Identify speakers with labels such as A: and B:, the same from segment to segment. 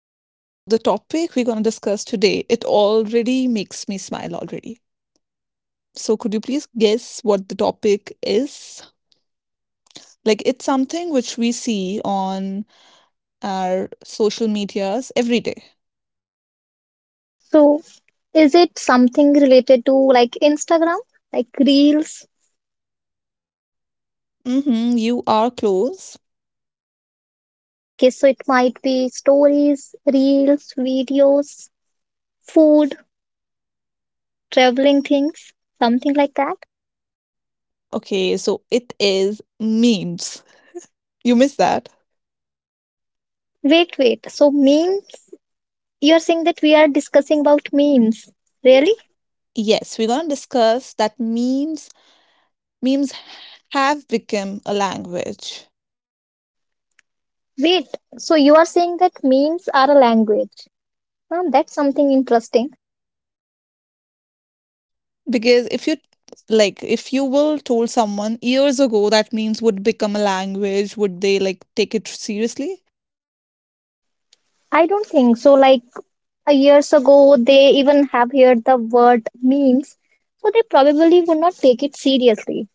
A: Okay, so the topic we're going to discuss today, it already makes me smile already. So could you please guess what the topic is? Like it's something which we see on our social medias every day.
B: So, is it something related to like Instagram, like reels?
A: Mm-hmm, you are close.
B: Okay, so it might be stories, reels, videos, food, traveling things, something like that.
A: Okay, so it is memes. You missed that?
B: Wait. So, memes? You're saying that we are discussing about memes.
A: Really?
B: Really?
A: Yes, we're going to discuss that memes have become a language.
B: Wait. So, you are saying that memes are a language. Huh, that's something interesting.
A: Because if you, like if you will told someone years ago that memes would become a language, would they like take it seriously?
B: I don't think so. Like, a years ago they even have heard the word memes, so they probably would not take it seriously,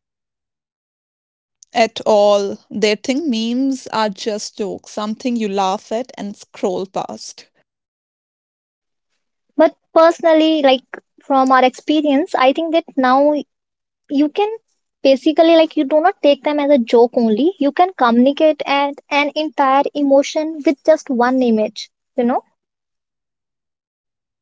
A: At all. They think memes are just jokes, something you laugh at and scroll past.
B: but personally, like from our experience, I think that now you can basically, like you do not take them as a joke only, you can communicate and an entire emotion with just one image, you know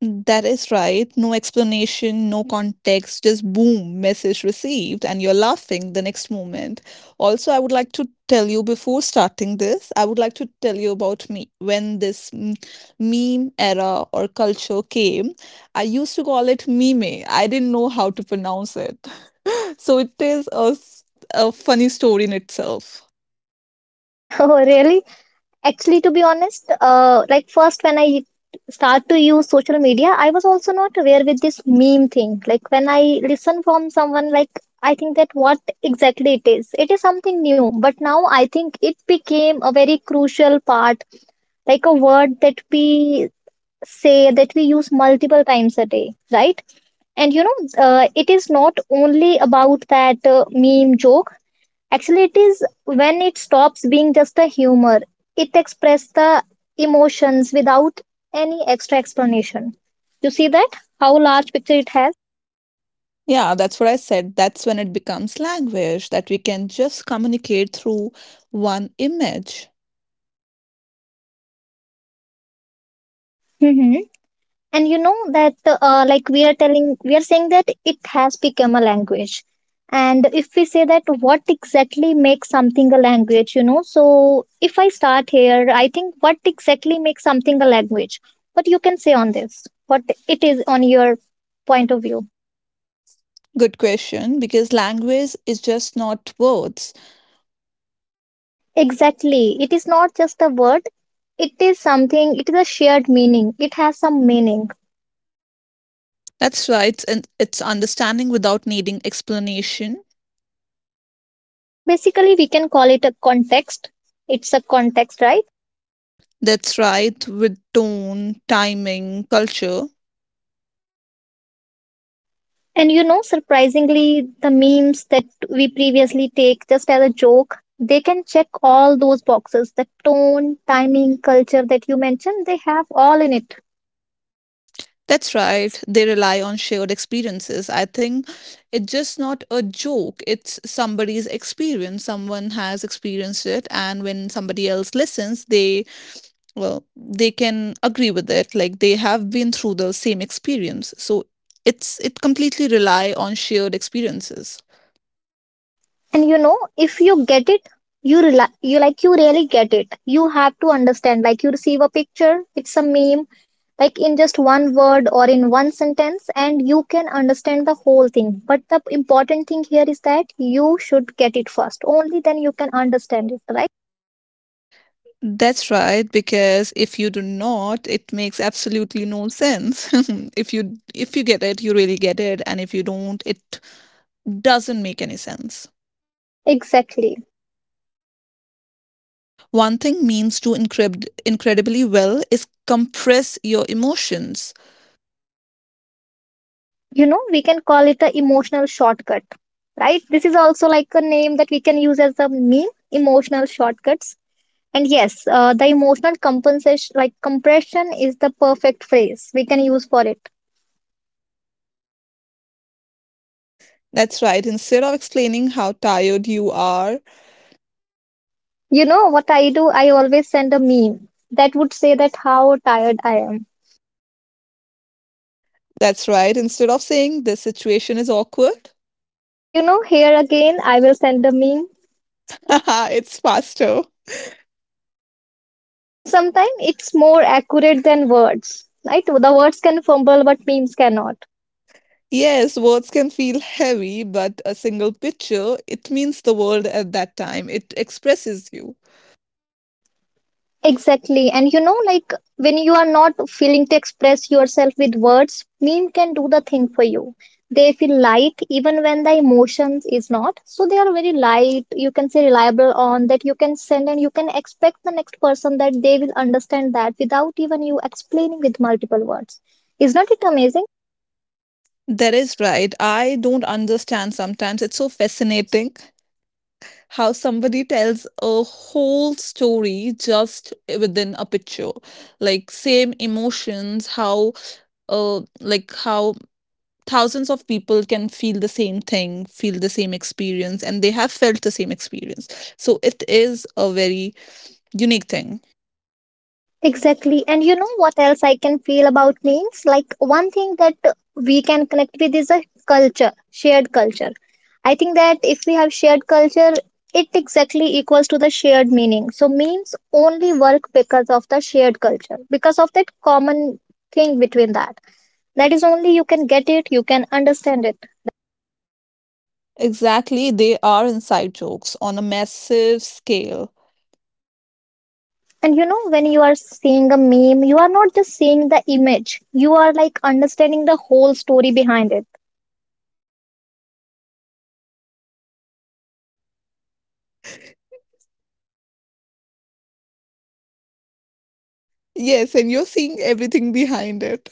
A: That is right. No explanation, no context, just boom, message received, and you're laughing the next moment. Also, I would like to tell you before starting this, I would like to tell you about me. When this meme era or culture came, I used to call it meme. I didn't know how to pronounce it. So it is a funny story in itself.
B: oh really. Actually, to be honest, like first when I start to use social media, I was also not aware with this meme thing. Like when I listen from someone, like I think that what exactly it is. It is something new, but now I think it became a very crucial part, like a word that we say that we use multiple times a day, right? And it is not only about that meme joke. Actually, it is when it stops being just a humor, it expresses the emotions without any extra explanation. You see that? How large picture it has?
A: Yeah, that's what I said. That's when it becomes language that we can just communicate through one image.
B: Hmm. And you know that, like we are telling, we are saying that it has become a language. And if we say that, what exactly makes something a language, you know? So if I start here, I think what exactly makes something a language? What you can say on this? What it is on your point of view?
A: Good question, because language is just not words.
B: Exactly. It is not just a word, it is something, it is a shared meaning. It has some meaning.
A: That's right, and it's understanding without needing explanation.
B: So basically, we can call it a context. It's a context, right?
A: That's right, with tone, timing, culture.
B: And you know, surprisingly, the memes that we previously take just as a joke, they can check all those boxes, the tone, timing, culture that you mentioned, they have all in it.
A: That's right, they rely on shared experiences. I think it's just not a joke, it's somebody's experience. Someone has experienced it, and when somebody else listens, they, well, they can agree with it, like they have been through the same experience. So it completely rely on shared experiences.
B: And you know, if you get it, you you like you really get it, you have to understand, like you receive a picture, it's a meme, like in just one word or in one sentence, and you can understand the whole thing. But the important thing here is that you should get it first, only then you can understand it, right?
A: That's right, because if you do not, it makes absolutely no sense. If you get it, you really get it, and if you don't, it doesn't make any sense.
B: Exactly.
A: One thing means to incredibly well is compress your emotions.
B: You know, we can call it a emotional shortcut, right? This is also like a name that we can use as a meme, emotional shortcuts. And yes, the emotional compensation, like compression, is the perfect phrase we can use for it.
A: That's right, instead of explaining how tired you are.
B: You know what I do? I always send a meme that would say that how tired I am.
A: That's right. Instead of saying this situation is awkward,
B: You know, here again, I will send a meme,
A: it's faster.
B: and sometimes it's more accurate than words. Right? The words can fumble, but memes cannot.
A: Yes, words can feel heavy, but a single picture, it means the world at that time. It expresses you.
B: Exactly. And you know, like when you are not feeling to express yourself with words, meme can do the thing for you. They feel light even when the emotions is not. So they are very light, you can say reliable on that, you can send and you can expect the next person that they will understand that without even you explaining with multiple words. Is not it amazing?
A: That is right. I don't understand sometimes. It's so fascinating how somebody tells a whole story just within a picture. Like same emotions, how thousands of people can feel the same thing, feel the same experience, and they have felt the same experience. So it is a very unique thing.
B: Exactly. And you know what else I can feel about names? Like one thing that we can connect with is a culture, shared culture. I think that if we have shared culture, it exactly equals to the shared meaning. So memes only work because of the shared culture, because of that common thing between that. That is only you can get it, you can understand it.
A: Exactly, they are inside jokes on a massive scale.
B: And you know, when you are seeing a meme, you are not just seeing the image, you are like understanding the whole story behind it.
A: Yes, and you're seeing everything behind it.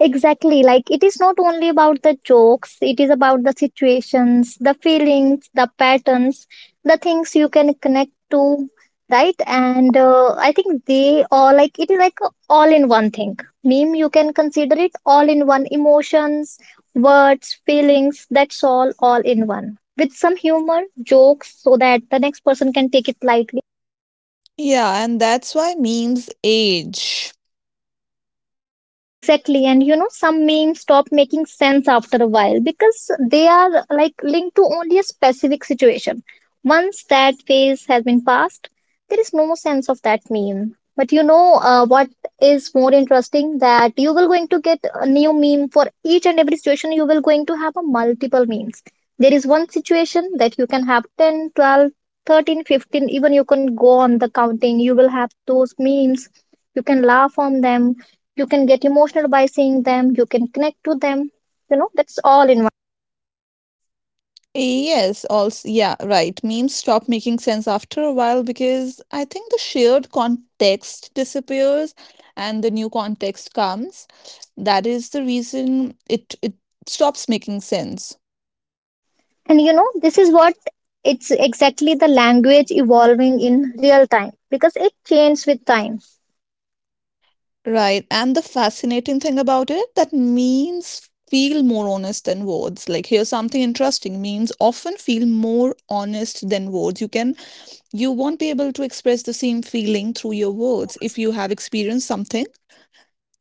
B: Exactly. Like it is not only about the jokes, it is about the situations, the feelings, the patterns, the things you can connect to, right? And I think they all like it is like a all in one thing. Meme, you can consider it all in one emotions, words, feelings, that's all in one. With some humor, jokes, so that the next person can take it lightly.
A: Yeah, and that's why memes age.
B: Exactly. And you know, some memes stop making sense after a while because they are like linked to only a specific situation. Once that phase has been passed, there is no sense of that meme. But you know, what is more interesting, that you will going to get a new meme for each and every situation. You will going to have a multiple memes. There is one situation that you can have 10, 12, 13, 15, even you can go on the counting. You will have those memes. You can laugh on them, you can get emotional by seeing them, you can connect to them, you know, that's all in one.
A: Yes, also, yeah, right. Memes stop making sense after a while because I think the shared context disappears and the new context comes. That is the reason it stops making sense.
B: And you know, this is what, it's exactly the language evolving in real time because it changes with time.
A: Right. And the fascinating thing about it, that memes feel more honest than words. Like here's something interesting. Memes often feel more honest than words. You can, you won't be able to express the same feeling through your words if you have experienced something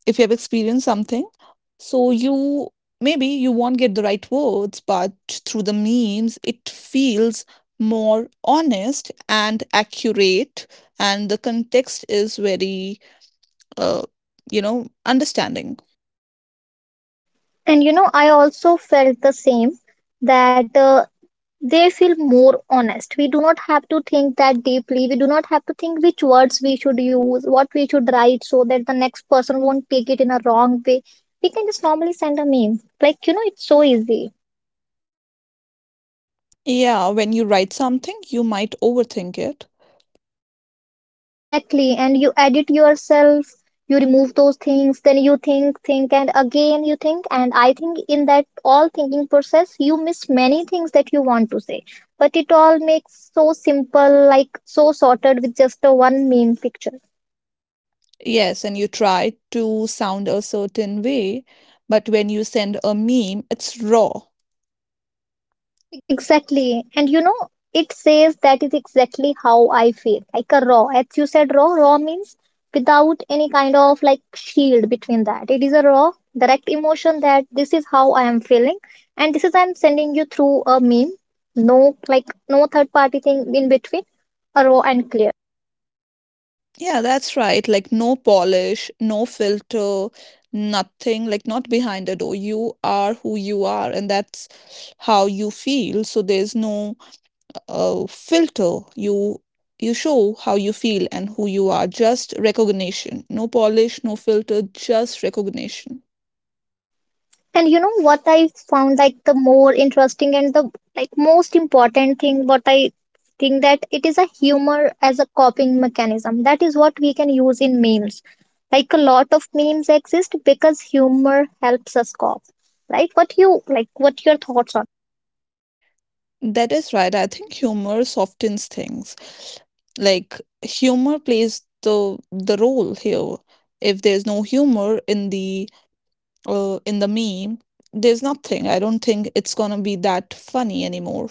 A: if you have experienced something So you, maybe you won't get the right words, but through the memes, it feels more honest and accurate, and the context is very, uh, you know, understanding.
B: And you know, I also felt the same, that they feel more honest. We do not have to think that deeply, we do not have to think which words we should use, what we should write, so that the next person won't take it in a wrong way. We can just normally send a meme, like you know, it's so easy.
A: Yeah, when you write something, you might overthink it.
B: Exactly. And you edit yourself, you remove those things, then you think, and again you think. And I think in that all thinking process, you miss many things that you want to say. But it all makes so simple, like so sorted with just a one main picture.
A: Yes, and you try to sound a certain way, but when you send a meme, it's raw.
B: Exactly. And you know, it says that is exactly how I feel. Like a raw. As you said, raw, raw means without any kind of like shield between that. It is a raw, direct emotion that this is how I am feeling. And this is I'm sending you through a meme. No, like no third party thing in between. A raw and clear.
A: Yeah, that's right. Like no polish, no filter, nothing, like not behind the door. You are who you are, and that's how you feel. So there's no filter. You show how you feel and who you are. Just recognition. No polish, no filter, just recognition.
B: And you know what I found, like the more interesting and the like most important thing what I think, that it is a humor as a coping mechanism. That is what we can use in memes. Like a lot of memes exist because humor helps us cope. Like what you, like what your thoughts are?
A: That is right. I think humor softens things. Like humor plays the role here. If there's no humor in the meme, there's nothing. I don't think it's gonna be that funny anymore.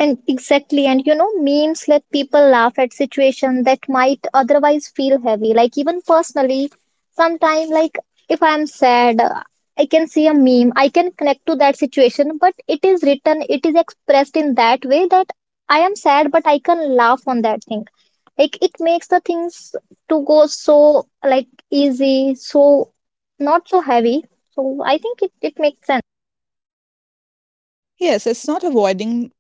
B: And exactly, and you know, memes let people laugh at situations that might otherwise feel heavy. Like even personally, sometimes like if I'm sad, I can see a meme, I can connect to that situation, but it is written, it is expressed in that way that I am sad, but I can laugh on that thing. Like it makes the things to go so like easy, so not so heavy. So I think it makes sense.
A: Yes, it's not avoiding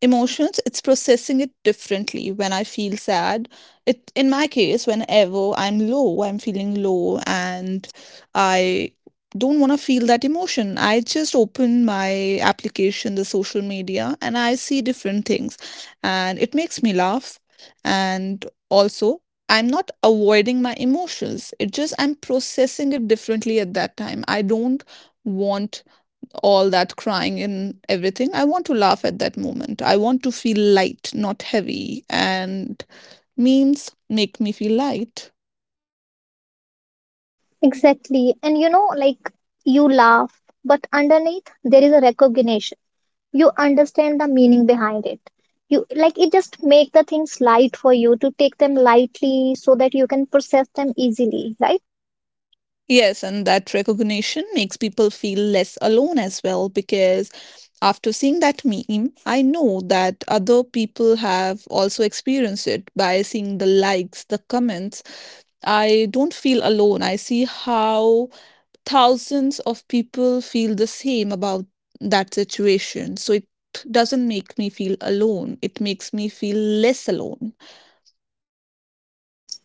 A: emotions, it's processing it differently. When I feel sad, it, in my case, whenever I'm low, I'm feeling low, and I don't want to feel that emotion, I just open my application, the social media, and I see different things, and it makes me laugh. And also, I'm not avoiding my emotions, it just, I'm processing it differently at that time. I don't want all that crying and everything. I want to laugh at that moment. I want to feel light, not heavy. And memes make me feel light.
B: Exactly. And you know, like you laugh, but underneath there is a recognition. You understand the meaning behind it. You like it just make the things light for you to take them lightly so that you can process them easily, right?
A: Yes, and that recognition makes people feel less alone as well, because after seeing that meme, I know that other people have also experienced it by seeing the likes, the comments. I don't feel alone. I see how thousands of people feel the same about that situation. So it doesn't make me feel alone, it makes me feel less alone.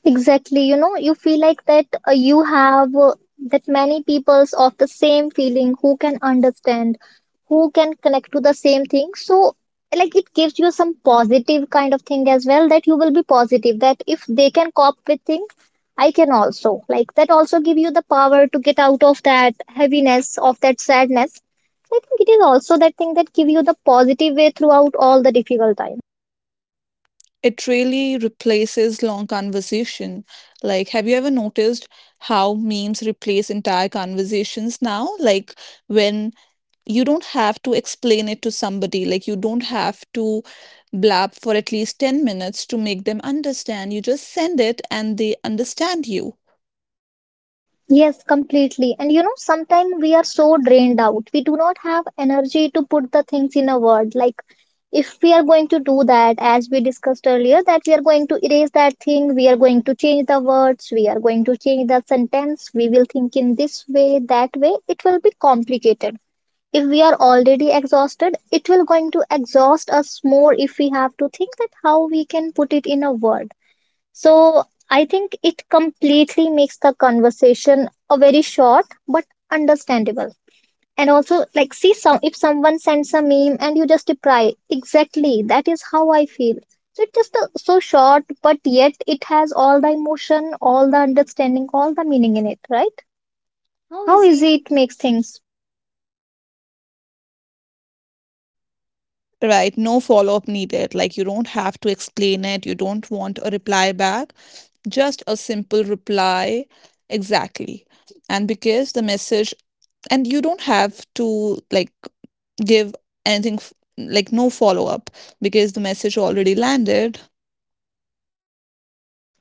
B: Exactly, you know, you feel like that you have that many peoples of the same feeling who can understand, who can connect to the same thing. So, like, it gives you some positive kind of thing as well, that you will be positive that if they can cope with things, I can also. Like, that also give you the power to get out of that heaviness, of that sadness. I think it is also that thing that give you the positive way throughout all the difficult times.
A: It really replaces long conversation. Like, have you ever noticed how memes replace entire conversations now? Like, when you don't have to explain it to somebody, like, you don't have to blab for at least 10 minutes to make them understand. You just send it and they understand you.
B: Yes, completely. And you know, sometimes we are so drained out. We do not have energy to put the things in a word. Like, if we are going to do that, as we discussed earlier, that we are going to erase that thing, we are going to change the words, we are going to change the sentence, we will think in this way, that way, it will be complicated. If we are already exhausted, it will going to exhaust us more if we have to think that how we can put it in a word. So I think it completely makes the conversation a very short but understandable. And also like see some if someone sends a meme and you just reply, exactly that is how I feel. So it's just so short, but yet it has all the emotion, all the understanding, all the meaning in it, right?
A: How
B: How
A: easy.
B: easy it makes things.
A: Right, no follow-up needed. Like you don't have to explain it, you don't want a reply back, just a simple reply. Exactly. And because the message, and you don't have to like give anything, like no follow-up, because the message already landed.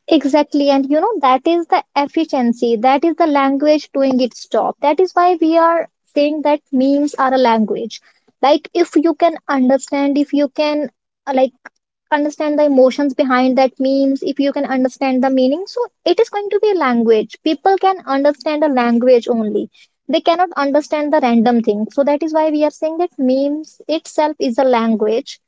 B: Exactly. And you know, that is the efficiency. That is the language doing its job. That is why we are saying that memes are a language. Like, if you can understand, if you can, like, understand the emotions behind that memes, if you can understand the meaning, so it is going to be a language. People can understand a language only. They cannot understand the random thing. So that is why we are saying that memes itself is a language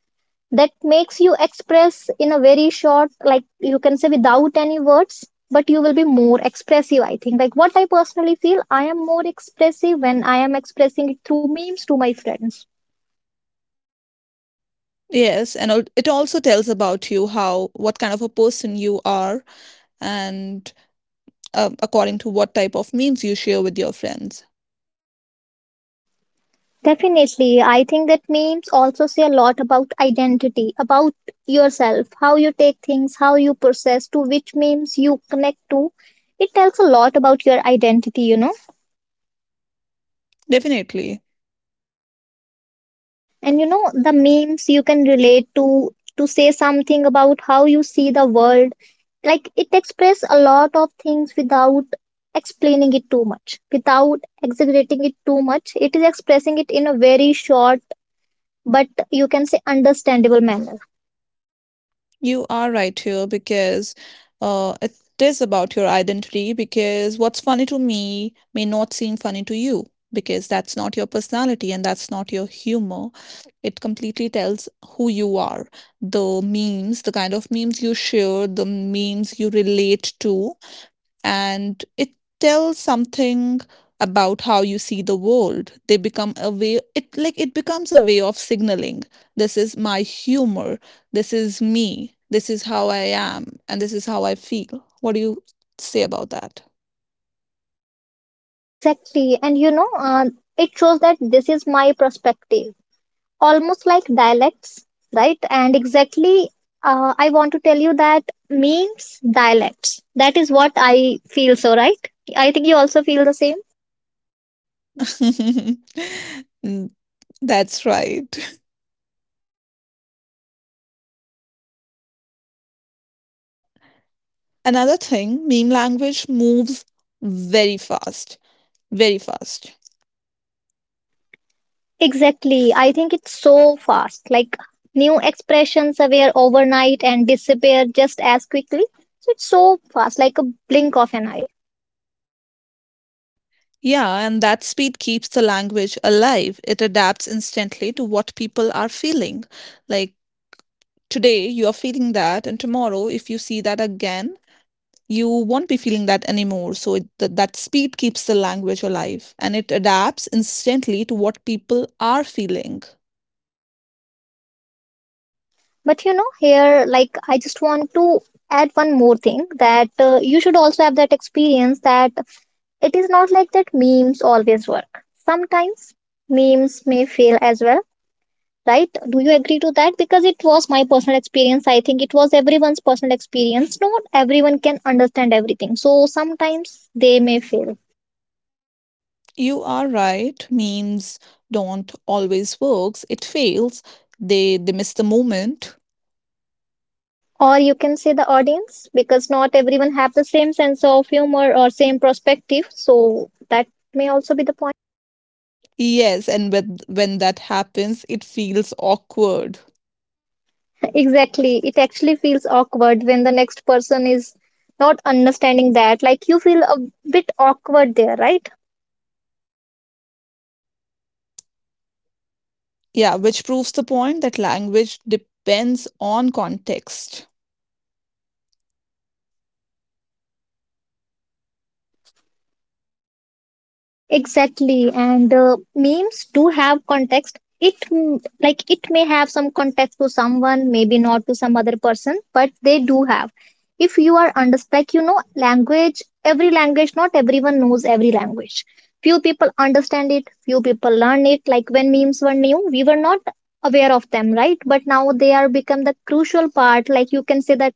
B: that makes you express in a very short, like you can say, without any words, but you will be more expressive. I think, like, what I personally feel, I am more expressive when I am expressing it through memes to my friends.
A: Yes, and it also tells about you how, what kind of a person you are, and according to what type of memes you share with your friends.
B: Definitely, I think that memes also say a lot about identity, about yourself, how you take things, how you process, to which memes you connect to. It tells a lot about your identity, you know.
A: Definitely.
B: And you know, the memes you can relate to say something about how you see the world. Like, it express a lot of things without explaining it too much, without exaggerating it too much. It is expressing it in a very short but, you can say, understandable manner.
A: You are right here because it is about your identity. Because what's funny to me may not seem funny to you, because that's not your personality and that's not your humor. It completely tells who you are. The memes, the kind of memes you share, the memes you relate to, and it tells something about how you see the world. They become a way, it like it becomes a way of signaling, this is my humor, this is me, this is how I am, and this is how I feel. What do you say about that?
B: Exactly, and it shows that this is my perspective, almost like dialects, right? And exactly, I want to tell you that memes dialects. That is what I feel so, right? I think you also feel the same.
A: Mm. That's right. Another thing, meme language moves very fast, very fast.
B: Exactly. I think it's so fast. Like, new expressions appear overnight and disappear just as quickly. So it's so fast, like a blink of an eye.
A: Yeah, and that speed keeps the language alive. It adapts instantly to what people are feeling. Like today, you are feeling that, and tomorrow, if you see that again, you won't be feeling that anymore. So it, that speed keeps the language alive and it adapts instantly to what people are feeling.
B: But you know, here, like, I just want to add one more thing, that you should also have that experience that it is not like that memes always work. Sometimes memes may fail as well, right? Do you agree to that? Because it was my personal experience. I think it was everyone's personal experience. Not everyone can understand everything. So sometimes they may fail.
A: You are right. Memes don't always works. It fails. They miss the moment.
B: Or you can say the audience, because not everyone have the same sense of humor or same perspective. So that may also be the point.
A: Yes, and with, when that happens, it feels awkward.
B: Exactly. It actually feels awkward when the next person is not understanding that. Like, you feel a bit awkward there, right?
A: Yeah, which proves the point that language depends on context.
B: Exactly, and memes do have context. Like, it may have some context to someone, maybe not to some other person, but they do have. If you are under, like, you know, language, every language, not everyone knows every language. Few people understand it, few people learn it. Like, when memes were new, we were not aware of them, right? But now they are become the crucial part. Like, you can say that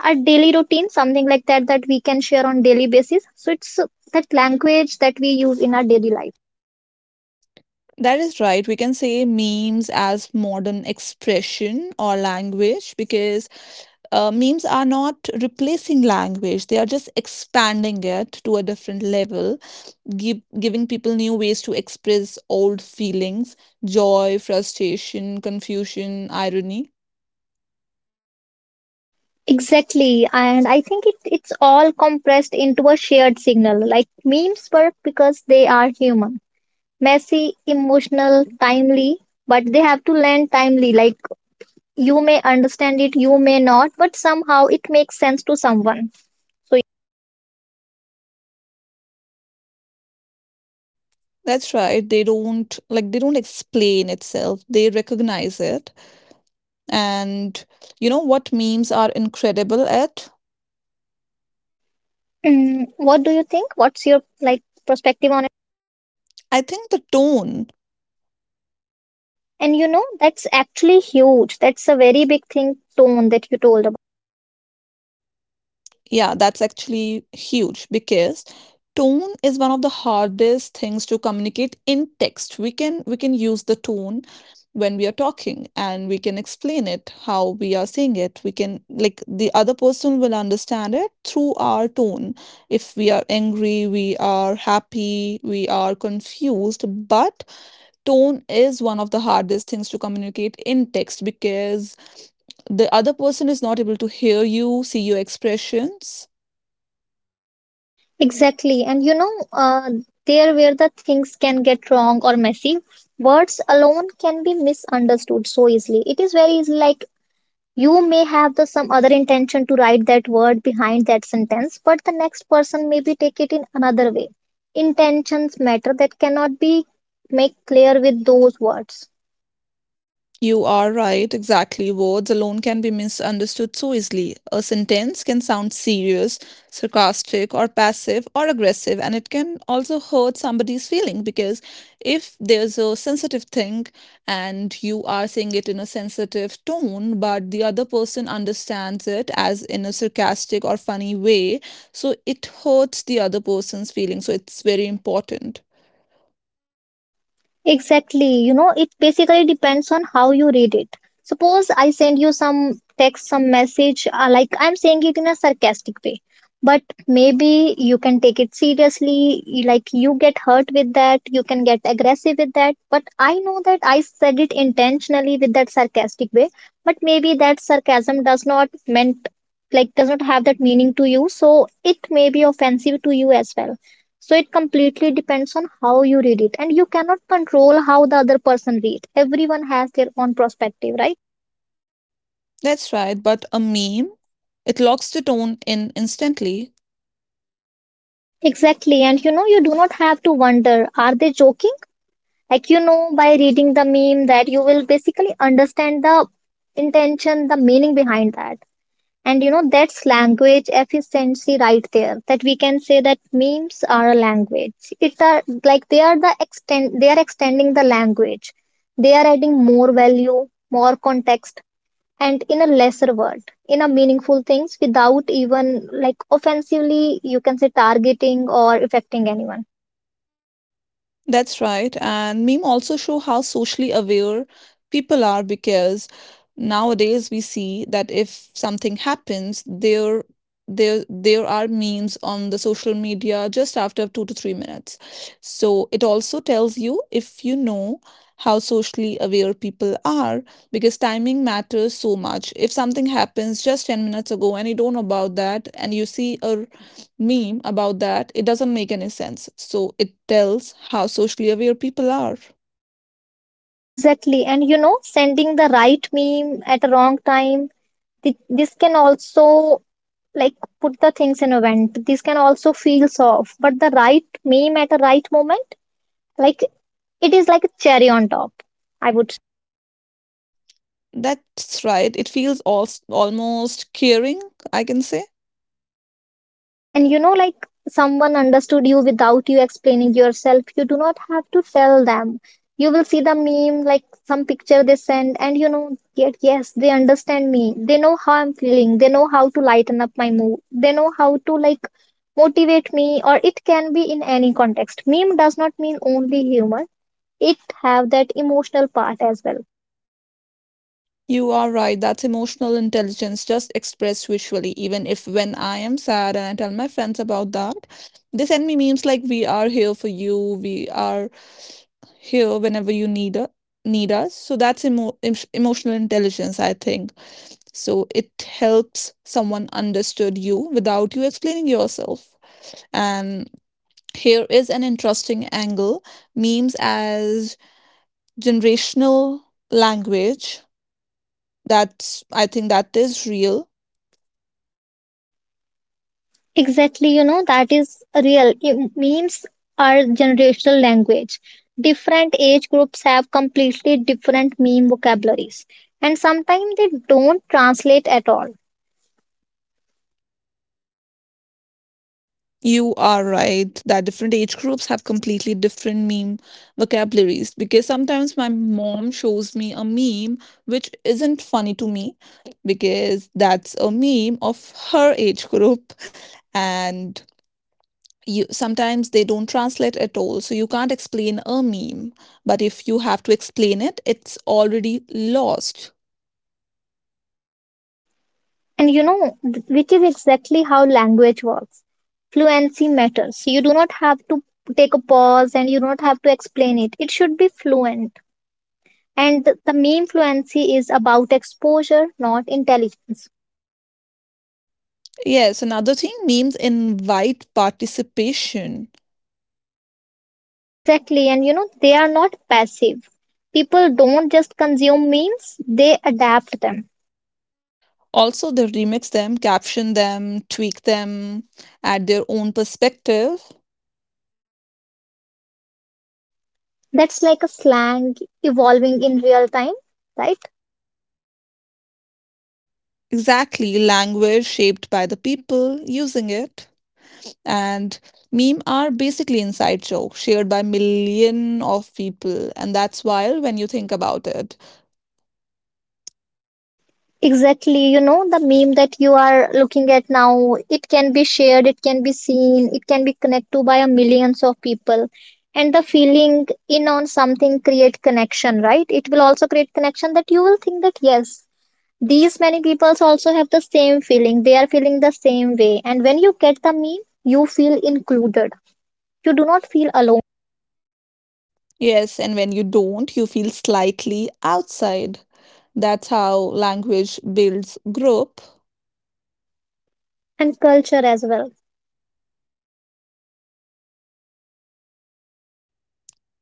B: our daily routine, something like that, that we can share on daily basis. So it's that language that we use in our daily life.
A: That is right. We can say memes as modern expression or language because memes are not replacing language, they are just expanding it to a different level, giving people new ways to express old feelings, joy, frustration, confusion, irony.
B: Exactly. And I think it's all compressed into a shared signal. Like, memes work because they are human. Messy, emotional, timely, but they have to land timely. Like, you may understand it, you may not, but somehow it makes sense to someone.
A: That's right. They don't like they don't explain itself. They recognize it. And you know what memes are incredible at?
B: Mm, what do you think? What's your, like, perspective on it?
A: I think the tone.
B: And you know, that's actually huge. That's a very big thing, tone, that you told.
A: Yeah, that's actually huge because tone is one of the hardest things to communicate in text. We can use the tone when we are talking and we can explain it how we are saying it. We can, like, the other person will understand it through our tone. If we are angry, we are happy, we are confused, but tone is one of the hardest things to communicate in text, because the other person is not able to hear you, see your expressions.
B: Exactly. And there where the things can get wrong or messy, words alone can be misunderstood so easily. It is very easy, like, you may have the some other intention to write that word behind that sentence, but the next person maybe take it in another way. Intentions matter that cannot be make clear with those words.
A: You are right, exactly. Words alone can be misunderstood so easily. A sentence can sound serious, sarcastic, or passive or aggressive, and it can also hurt somebody's feeling, because if there's a sensitive thing and you are saying it in a sensitive tone, but the other person understands it as in a sarcastic or funny way, so it hurts the other person's feelings. So it's very important.
B: Exactly. You know, it basically depends on how you read it. Suppose I send you some text, some message, like, I'm saying it in a sarcastic way, but maybe you can take it seriously. Like, you get hurt with that, you can get aggressive with that. But I know that I said it intentionally with that sarcastic way, but maybe that sarcasm does not meant, like, does not have that meaning to you, so it may be offensive to you as well. So it completely depends on how you read it, and you cannot control how the other person reads. Everyone has their own perspective, right?
A: That's right, but a meme, it locks the tone in instantly.
B: Exactly, and you know, you do not have to wonder, are they joking? Like, you know, by reading the meme, that you will basically understand the intention, the meaning behind that. And you know, that's language efficiency right there, that we can say that memes are a language. It are, like, they are the extend, they are extending the language. They are adding more value, more context, and in a lesser word, in a meaningful things, without even, like, offensively, you can say, targeting or affecting anyone.
A: That's right, and meme also show how socially aware people are, because nowadays we see that if something happens, there are memes on the social media just after 2 to 3 minutes. So it also tells you, if you know, how socially aware people are, because timing matters so much. If something happens just 10 minutes ago and you don't know about that and you see a meme about that, it doesn't make any sense. So it tells how socially aware people are.
B: Exactly, and you know, sending the right meme at the wrong time, this can also, like, put the things in a vent, this can also feel soft. But the right meme at the right moment, like, it is like a cherry on top, I would.
A: That's right. It feels almost caring, I can say.
B: And you know, like, someone understood you without you explaining yourself. You do not have to tell them. You will see the meme, like some picture they send, and you know, yet, yes, they understand me. They know how I'm feeling. They know how to lighten up my mood. They know how to, like, motivate me, or it can be in any context. Meme does not mean only humor, it have that emotional part as well.
A: You are right, that's emotional intelligence just expressed visually. Even if, when I am sad and I tell my friends about that, they send me memes like, we are here for you, we are here whenever you need us. So that's emotional intelligence, I think. So it helps someone understood you without you explaining yourself. And. Here is an interesting angle, memes as generational language. That's, I think, that is real.
B: Exactly, you know, that is real. Memes are generational language. Different age groups have completely different meme vocabularies, and sometimes they don't translate at all.
A: You are right that different age groups have completely different meme vocabularies, because sometimes my mom shows me a meme which isn't funny to me, because that's a meme of her age group. And you, sometimes they don't translate at all, so you can't explain a meme, but if you have to explain it, it's already lost.
B: And you know, which is exactly how language works. Fluency matters. You do not have to take a pause and you don't have to explain it. It should be fluent. And the meme fluency is about exposure, not intelligence.
A: Yes, another thing, memes invite participation.
B: Exactly. And you know, they are not passive. People don't just consume memes, they adapt them.
A: Also, they remix them, caption them, tweak them, add their own perspective.
B: That's like a slang evolving in real time, right?
A: Exactly, language shaped by the people using it. And meme are basically inside jokes shared by million of people, and that's wild when you think about it.
B: Exactly. You know, the meme that you are looking at now, it can be shared, it can be seen, it can be connected to by a millions of people. And the feeling in on something create connection, right? It will also create connection, that you will think that yes, these many peoples also have the same feeling. They are feeling the same way. And when you get the meme, you feel included. You do not feel alone.
A: Yes, and when you don't, you feel slightly outside. That's how language builds group.
B: And culture as well.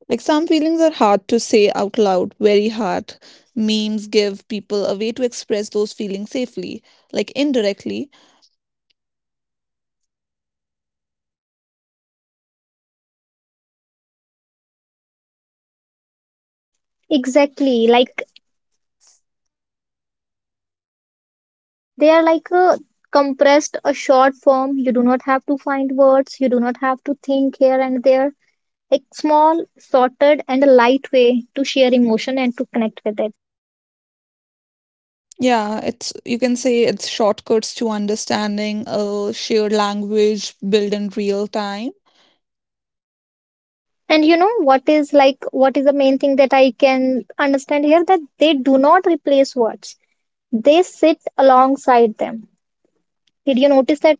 A: Like some feelings are hard to say out loud, very hard. Memes give people a way to express those feelings safely, like indirectly.
B: Exactly.
A: Like,
B: Like, they are like a compressed, a short form. You do not have to find words. You do not have to think here and there. A small, sorted, and a light way to share emotion and to connect with it.
A: yeah, it's, you can say it's shortcuts to understanding, a shared language built in real time.
B: And you know, what is, like, what is the main thing that I can understand here, that they do not replace words, they sit alongside them. Did you notice that?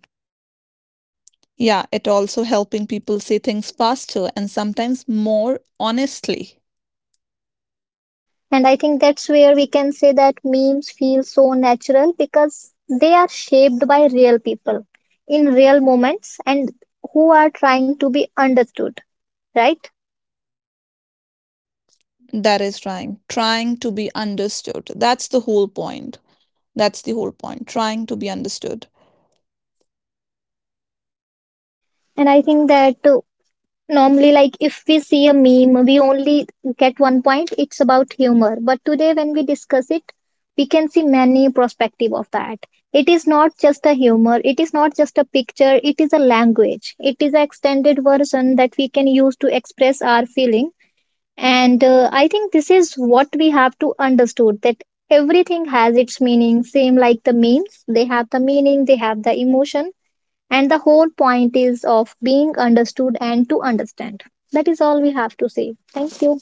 A: Yeah, it also helping people say things faster and sometimes more honestly.
B: And I think that's where we can say that memes feel so natural, because they are shaped by real people in real moments, and who are trying to be understood, right?
A: That is trying to be understood, that's the whole point. That's the whole point, trying to be understood.
B: And I think that normally, like, if we see a meme, we only get one point. It's about humor. But today, when we discuss it, we can see many perspective of that. It is not just a humor. It is not just a picture. It is a language. It is an extended version that we can use to express our feeling. And I think this is what we have to understood, that everything has its meaning. Same like the memes, they have the meaning. They have the emotion, and the whole point is of being understood and to understand. That is all we have to say. Thank you.